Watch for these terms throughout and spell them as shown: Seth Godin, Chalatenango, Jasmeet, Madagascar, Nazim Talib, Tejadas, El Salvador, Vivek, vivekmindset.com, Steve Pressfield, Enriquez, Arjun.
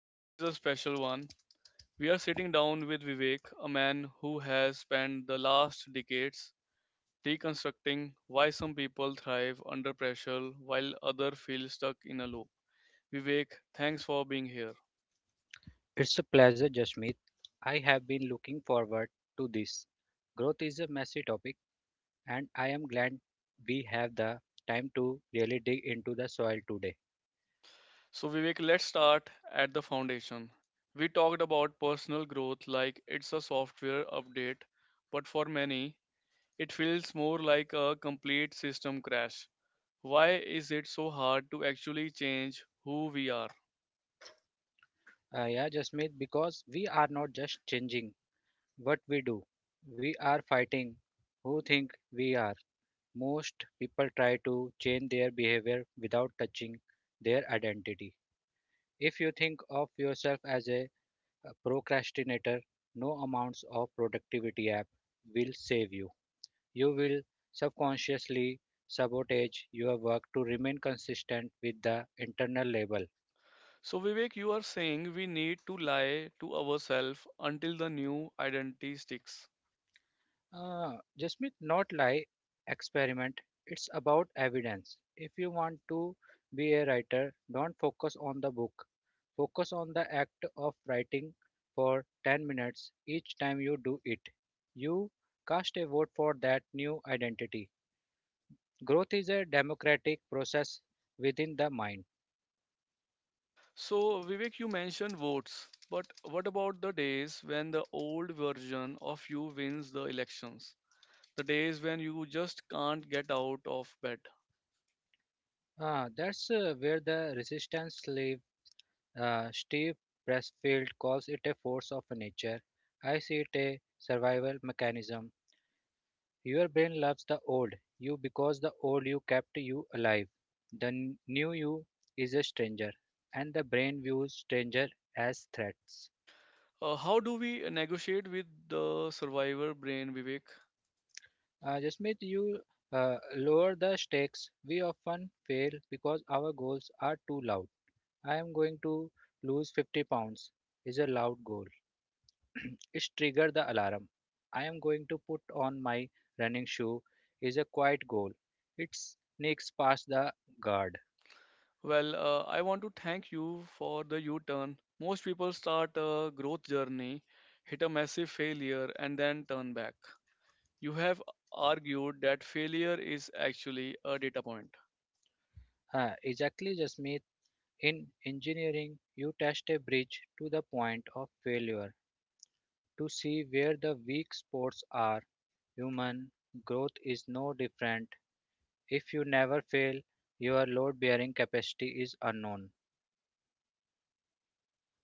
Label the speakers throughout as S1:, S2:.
S1: Today is a special one. We are sitting down with Vivek, a man who has spent the last decades deconstructing why some people thrive under pressure while others feel stuck in a loop. Vivek, thanks for being here.
S2: It's a pleasure, Jasmeet. I have been looking forward to this. Growth is a messy topic, and I am glad we have the time to really dig into the soil today.
S1: So, Vivek, let's start at the foundation. We talked about personal growth like it's a software update, but for many, it feels more like a complete system crash. Why is it so hard to actually change who we are?
S2: Yeah, Jasmeet, because we are not just changing what we do, we are fighting who think we are. Most people try to change their behavior without touching their identity. If you think of yourself as a procrastinator, no amounts of productivity app will save you. You will subconsciously sabotage your work to remain consistent with the internal label.
S1: So, Vivek, you are saying we need to lie to ourselves until the new identity sticks.
S2: Uh, Jasmeet, not lie, experiment. It's about evidence. If you want to be a writer, don't focus on the book. Focus on the act of writing for 10 minutes each time you do it. You cast a vote for that new identity. Growth is a democratic process within the mind.
S1: So, Vivek, you mentioned votes, but what about the days when the old version of you wins the elections? The days when you just can't get out of bed?
S2: That's where the resistance live. Steve Pressfield calls it a force of nature. I see it a survival mechanism. Your brain loves the old you because the old you kept you alive. The new you is a stranger, and the brain views stranger as threats.
S1: How do we negotiate with the survivor brain, Vivek?
S2: Jasmeet, you lower the stakes. We often fail because our goals are too loud. I am going to lose 50 pounds is a loud goal. It triggers the alarm. I am going to put on my running shoe is a quiet goal. It sneaks past the guard.
S1: Well, I want to thank you for the U turn. Most people start a growth journey, hit a massive failure, and then turn back. You have argued that failure is actually a data point.
S2: Ah, exactly, Jasmeet. In engineering, you test a bridge to the point of failure to see where the weak spots are. Human growth is no different. If you never fail, your load bearing capacity is unknown.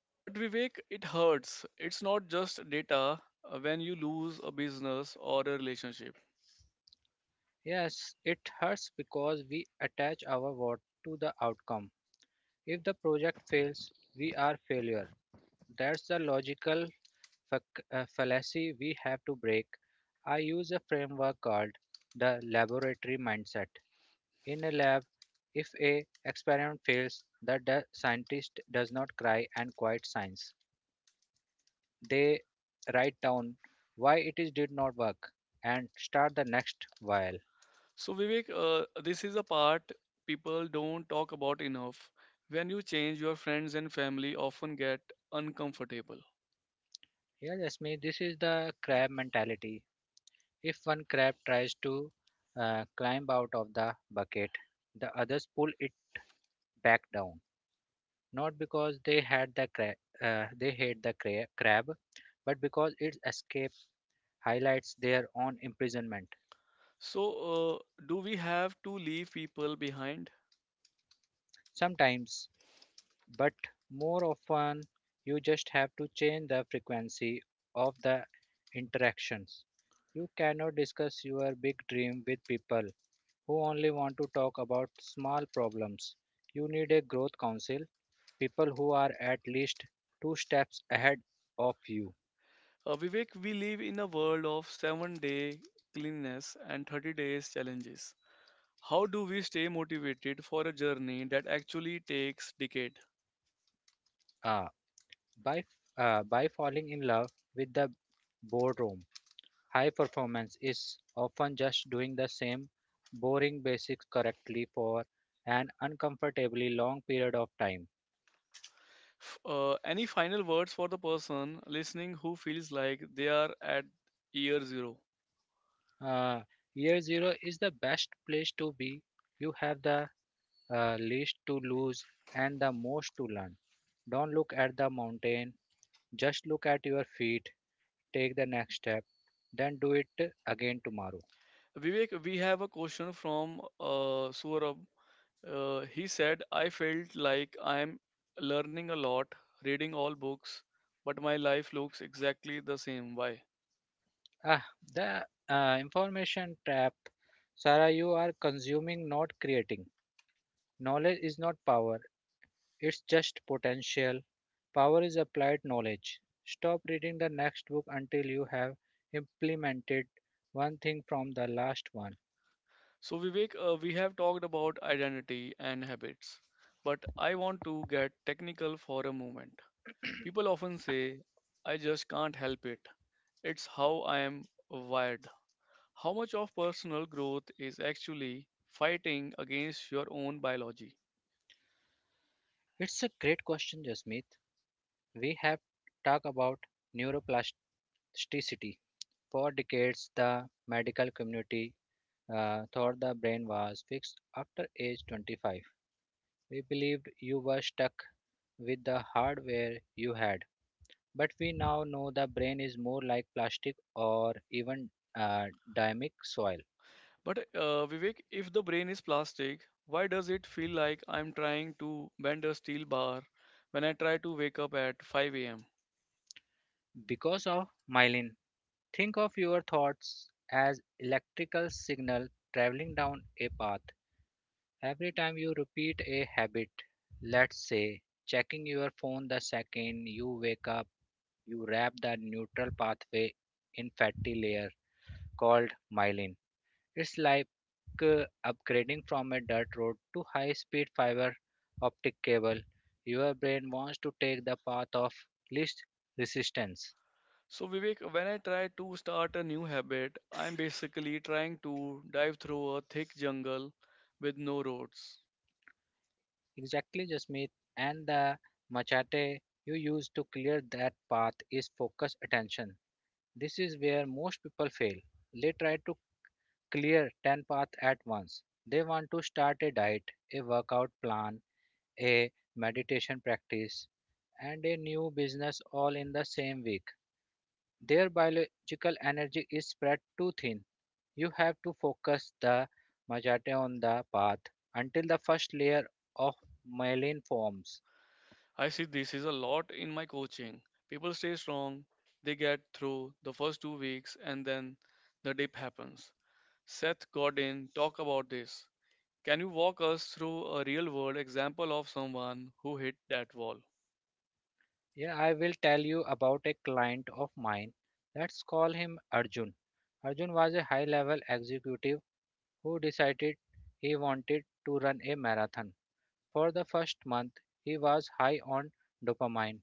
S1: But Vivek, it hurts. It's not just data when you lose a business or a relationship.
S2: Yes, it hurts because we attach our worth to the outcome. If the project fails, we are failure. That's the logical fallacy we have to break. I use a framework called the laboratory mindset. In a lab, if a experiment fails, the scientist does not cry and quit science. They write down why it is did not work and start the next while.
S1: So, Vivek, this is a part people don't talk about enough. When you change, your friends and family often get uncomfortable.
S2: Yeah, Jasmine, this is the crab mentality. If one crab tries to climb out of the bucket, the others pull it back down, not because they had they hate the crab, but because its escape highlights their own imprisonment.
S1: So, do we have to leave people behind?
S2: Sometimes, but more often, you just have to change the frequency of the interactions. You cannot discuss your big dream with people who only want to talk about small problems. You need a growth council people who are at least two steps ahead of you.
S1: Vivek, we live in a world of 7-day cleanliness and 30 days challenges. How do we stay motivated for a journey that actually takes decade?
S2: Uh, by uh, by falling in love with the boardroom, high performance is often just doing the same boring basics correctly for an uncomfortably long period of time.
S1: Any final words for the person listening who feels like they are at year zero?
S2: uh, Year zero is the best place to be. You have the least to lose and the most to learn. Don't look at the mountain, just look at your feet. Take the next step, then do it again tomorrow.
S1: Vivek, we have a question from Saurabh. He said, I felt like I'm learning a lot, reading all books, but my life looks exactly the same. Why?
S2: Ah, the information trap. Sarah, you are consuming, not creating. Knowledge is not power, it's just potential. Power is applied knowledge. Stop reading the next book until you have implemented one thing from the last one.
S1: So, Vivek, we have talked about identity and habits, but I want to get technical for a moment. People often say, I just can't help it. It's how I am wired. How much of personal growth is actually fighting against your own biology?
S2: It's a great question, Jasmeet. We have talked about neuroplasticity. For decades, the medical community thought the brain was fixed after age 25. We believed you were stuck with the hardware you had. But we now know the brain is more like plastic or even uh, dynamic soil.
S1: But Vivek, if the brain is plastic, why does it feel like I'm trying to bend a steel bar when I try to wake up at 5 a.m.?
S2: Because of myelin, think of your thoughts as electrical signal traveling down a path. Every time you repeat a habit, let's say checking your phone the second you wake up, you wrap the neutral pathway in fatty layer, called myelin. It's like uh, upgrading from a dirt road to high speed fiber optic cable. Your brain wants to take the path of least resistance.
S1: So, Vivek, when I try to start a new habit, I'm basically trying to dive through a thick jungle with no roads.
S2: Exactly, Jasmeet. And the machete you use to clear that path is focused attention. This is where most people fail. They try to clear 10 paths at once. They want to start a diet, a workout plan, a meditation practice, and a new business all in the same week. Their biological energy is spread too thin. You have to focus the majate on the path until the first layer of myelin forms.
S1: I see this is a lot in my coaching. People stay strong, they get through the first 2 weeks, and then the dip happens. Seth Godin talk about this. Can you walk us through a real world example of someone who hit that wall?
S2: Yeah, I will tell you about a client of mine. Let's call him Arjun. Arjun was a high level executive who decided he wanted to run a marathon. For the first month, he was high on dopamine,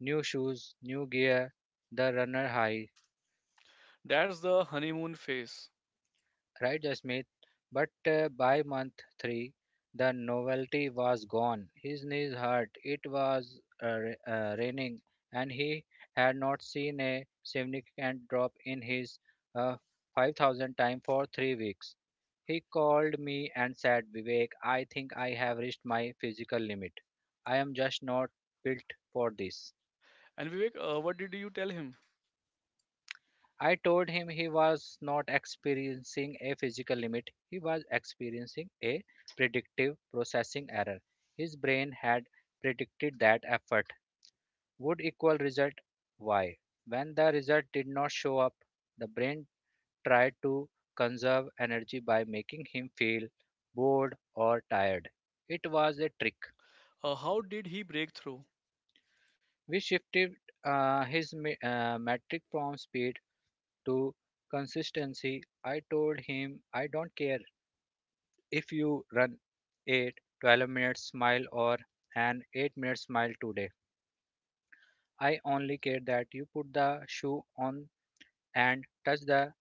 S2: new shoes, new gear, the runner high,
S1: That's the honeymoon phase.
S2: right, Jasmeet? But by month three, the novelty was gone. His knees hurt, it was raining, and he had not seen a significant drop in his uh, 5,000 time for 3 weeks. He called me and said, Vivek, I think I have reached my physical limit. I am just not built for this.
S1: And Vivek, what did you tell him?
S2: I told him he was not experiencing a physical limit, he was experiencing a predictive processing error. His brain had predicted that effort would equal result Y. When the result did not show up, the brain tried to conserve energy by making him feel bored or tired. It was a trick.
S1: How did he break through?
S2: We shifted his metric from speed to consistency. I told him I don't care if you run a 12-minute mile or an 8-minute mile today, I only care that you put the shoe on and touch the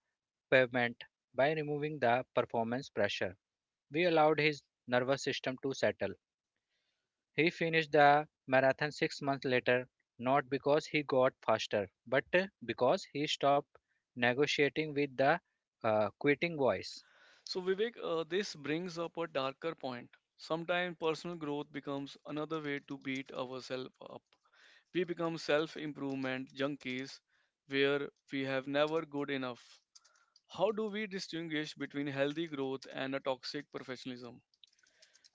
S2: pavement. By removing the performance pressure, we allowed his nervous system to settle. He finished the marathon 6 months later, not because he got faster, but because he stopped negotiating with the quitting voice.
S1: So, Vivek, this brings up a darker point. Sometimes personal growth becomes another way to beat ourselves up. We become self improvement junkies where we have never good enough. How do we distinguish between healthy growth and a toxic professionalism?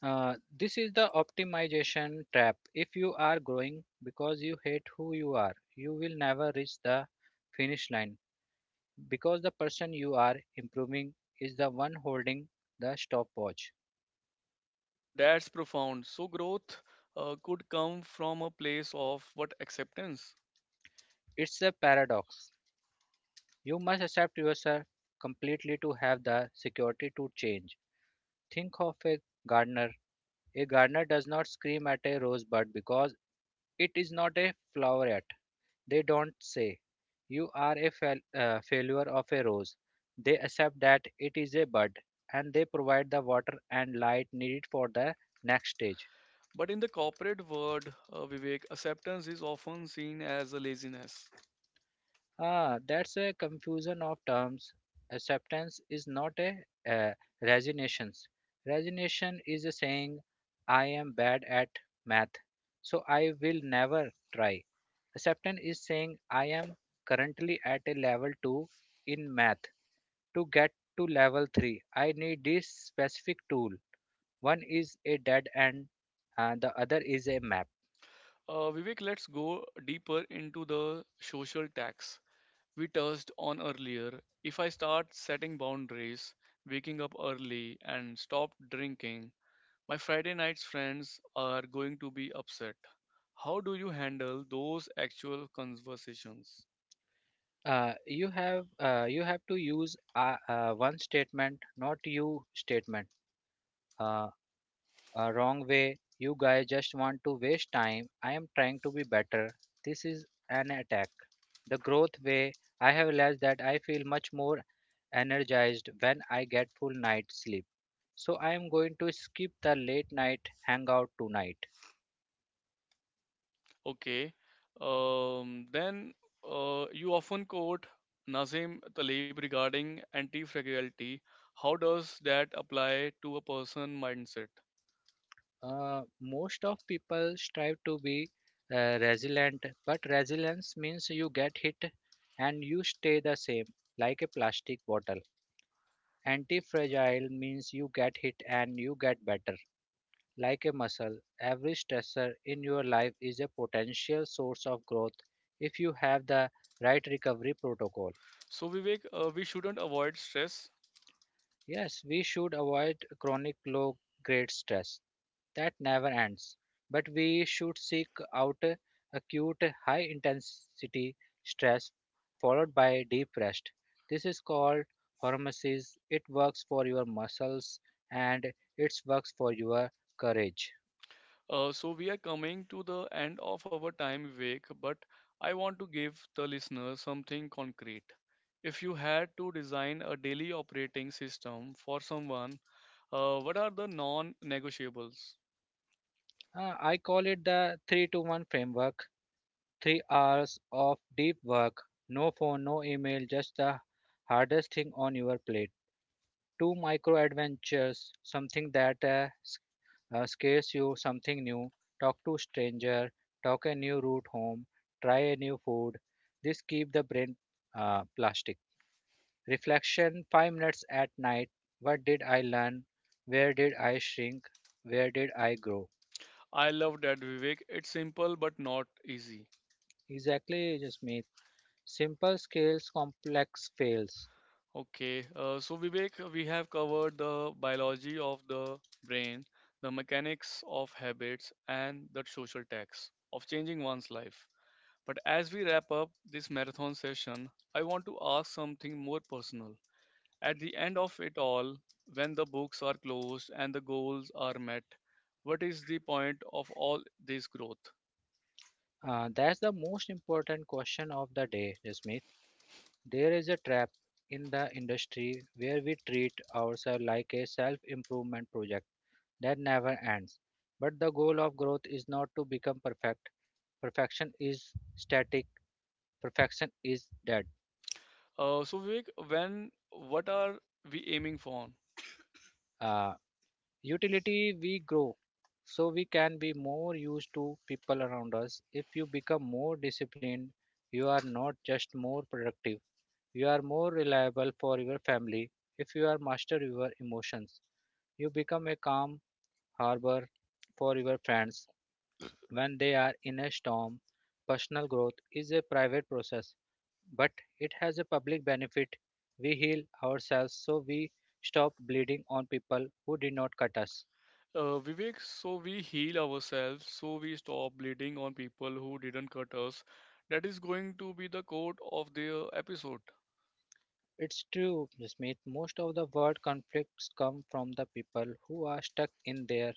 S2: This is the optimization trap. If you are growing because you hate who you are, you will never reach the finish line because the person you are improving is the one holding the stopwatch.
S1: So that's profound. So growth could come from a place of what acceptance.
S2: It's a paradox. You must accept yourself completely to have the security to change. Think of a gardener. A gardener does not scream at a rosebud because it is not a flower yet. They don't say, you are a failure of a rose. They accept that it is a bud and they provide the water and light needed for the next stage.
S1: But in the corporate world, Vivek, acceptance is often seen as a laziness.
S2: Ah, that's a confusion of terms. Acceptance is not a uh, resignation. Resignation is a saying, I am bad at math, so I will never try. Acceptance is saying, I am currently at a level 2 in math. To get to level 3, I need this specific tool. One is a dead end and the other is a map.
S1: Vivek, let's go deeper into the social tax we touched on earlier. If I start setting boundaries, waking up early, and stop drinking, my Friday night's friends are going to be upset. How do you handle those actual conversations?
S2: You have you have to use one statement, not you statement. Uh, a wrong way. You guys just want to waste time. I am trying to be better. This is an attack. The growth way. I have realized that I feel much more energized when I get full night sleep. So I am going to skip the late night hangout tonight.
S1: Okay. Then you often quote Nazim Talib regarding anti-fragility. How does that apply to a person mindset?
S2: Most of people strive to be resilient, but resilience means you get hit and you stay the same, like a plastic bottle. Anti-fragile means you get hit and you get better, like a muscle. Every stressor in your life is a potential source of growth if you have the right recovery protocol.
S1: So Vivek, we shouldn't avoid stress.
S2: Yes, we should avoid chronic low grade stress that never ends, but we should seek out acute high intensity stress followed by deep rest. This is called hormesis. It works for your muscles and it works for your courage.
S1: So we are coming to the end of our time, Vivek, but I want to give the listeners something concrete. If you had to design a daily operating system for someone, what are the non-negotiables?
S2: I call it the 3 to 1 framework. 3 hours of deep work, no phone, no email, just the hardest thing on your plate. Two micro adventures, something that scares you, something new, talk to stranger, talk a new route home, try a new food. This keep the brain plastic. Reflection 5 minutes at night. What did I learn? Where did I shrink? Where did I grow?
S1: I love that, Vivek. It's simple but not easy.
S2: Exactly, Jasmeet. Simple scales, complex fails.
S1: Okay, so Vivek, we have covered the biology of the brain, the mechanics of habits, and the social tax of changing one's life. But as we wrap up this marathon session, I want to ask something more personal. At the end of it all, when the books are closed and the goals are met, what is the point of all this growth?
S2: That's the most important question of the day, Jasmeet. There is a trap in the industry where we treat ourselves like a self improvement project that never ends. But the goal of growth is not to become perfect. Perfection is static, perfection is dead.
S1: So, Vivek, when what are we aiming for?
S2: Uh, Utility, we grow so we can be more used to people around us. If you become more disciplined, you are not just more productive, you are more reliable for your family. If you are master your emotions, you become a calm harbor for your friends when they are in a storm. Personal growth is a private process, but it has a public benefit. We heal ourselves so we stop bleeding on people who did not cut us.
S1: Vivek, so we heal ourselves, so we stop bleeding on people who didn't cut us. That is going to be the quote of the episode.
S2: It's true, Smith. Most of the world conflicts come from the people who are stuck in their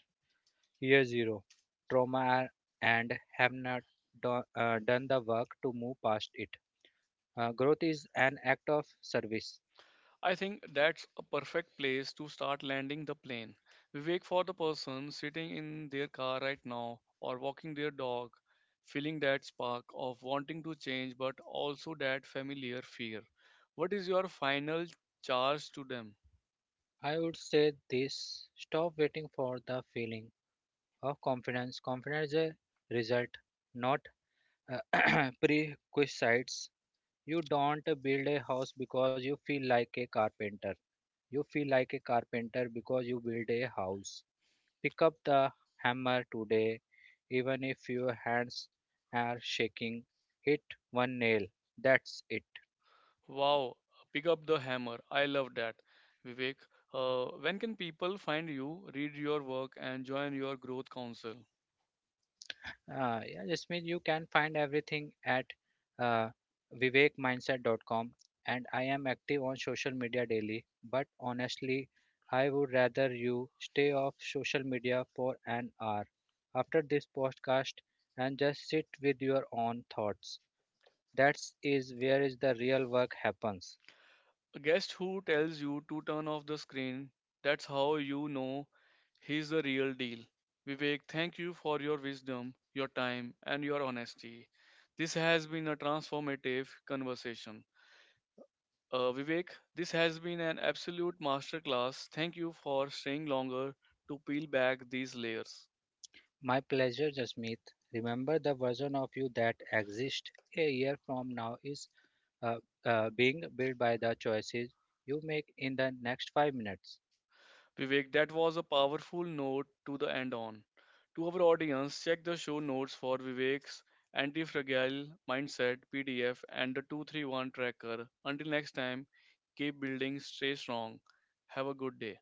S2: year zero trauma and have not done the work to move past it. Growth is an act of service.
S1: I think that's a perfect place to start landing the plane. Vivek, for the person sitting in their car right now or walking their dog, feeling that spark of wanting to change but also that familiar fear. What is your final charge to them?
S2: I would say this, stop waiting for the feeling of confidence. Confidence is a result, not prerequisites. You don't build a house because you feel like a carpenter. You feel like a carpenter because you build a house. Pick up the hammer today, even if your hands are shaking. Hit one nail. That's it.
S1: Wow, pick up the hammer. I love that. Vivek, when can people find you, read your work, and join your growth council?
S2: Yeah, Jasmeet, you can find everything at uh, vivekmindset.com, and I am active on social media daily. But honestly, I would rather you stay off social media for an hour after this podcast and just sit with your own thoughts. That's is where is the real work happens.
S1: A guest who tells you to turn off the screen, that's how you know he's the real deal. Vivek, thank you for your wisdom, your time, and your honesty. This has been a transformative conversation. Vivek, this has been an absolute masterclass. Thank you for staying longer to peel back these layers.
S2: My pleasure, Jasmeet. Remember the version of you that exists a year from now is uh, being built by the choices you make in the next 5 minutes.
S1: Vivek, that was a powerful note to the end on. To our audience, check the show notes for Vivek's Anti Fragile Mindset PDF and the 231 tracker. Until next time, keep building, stay strong. Have a good day.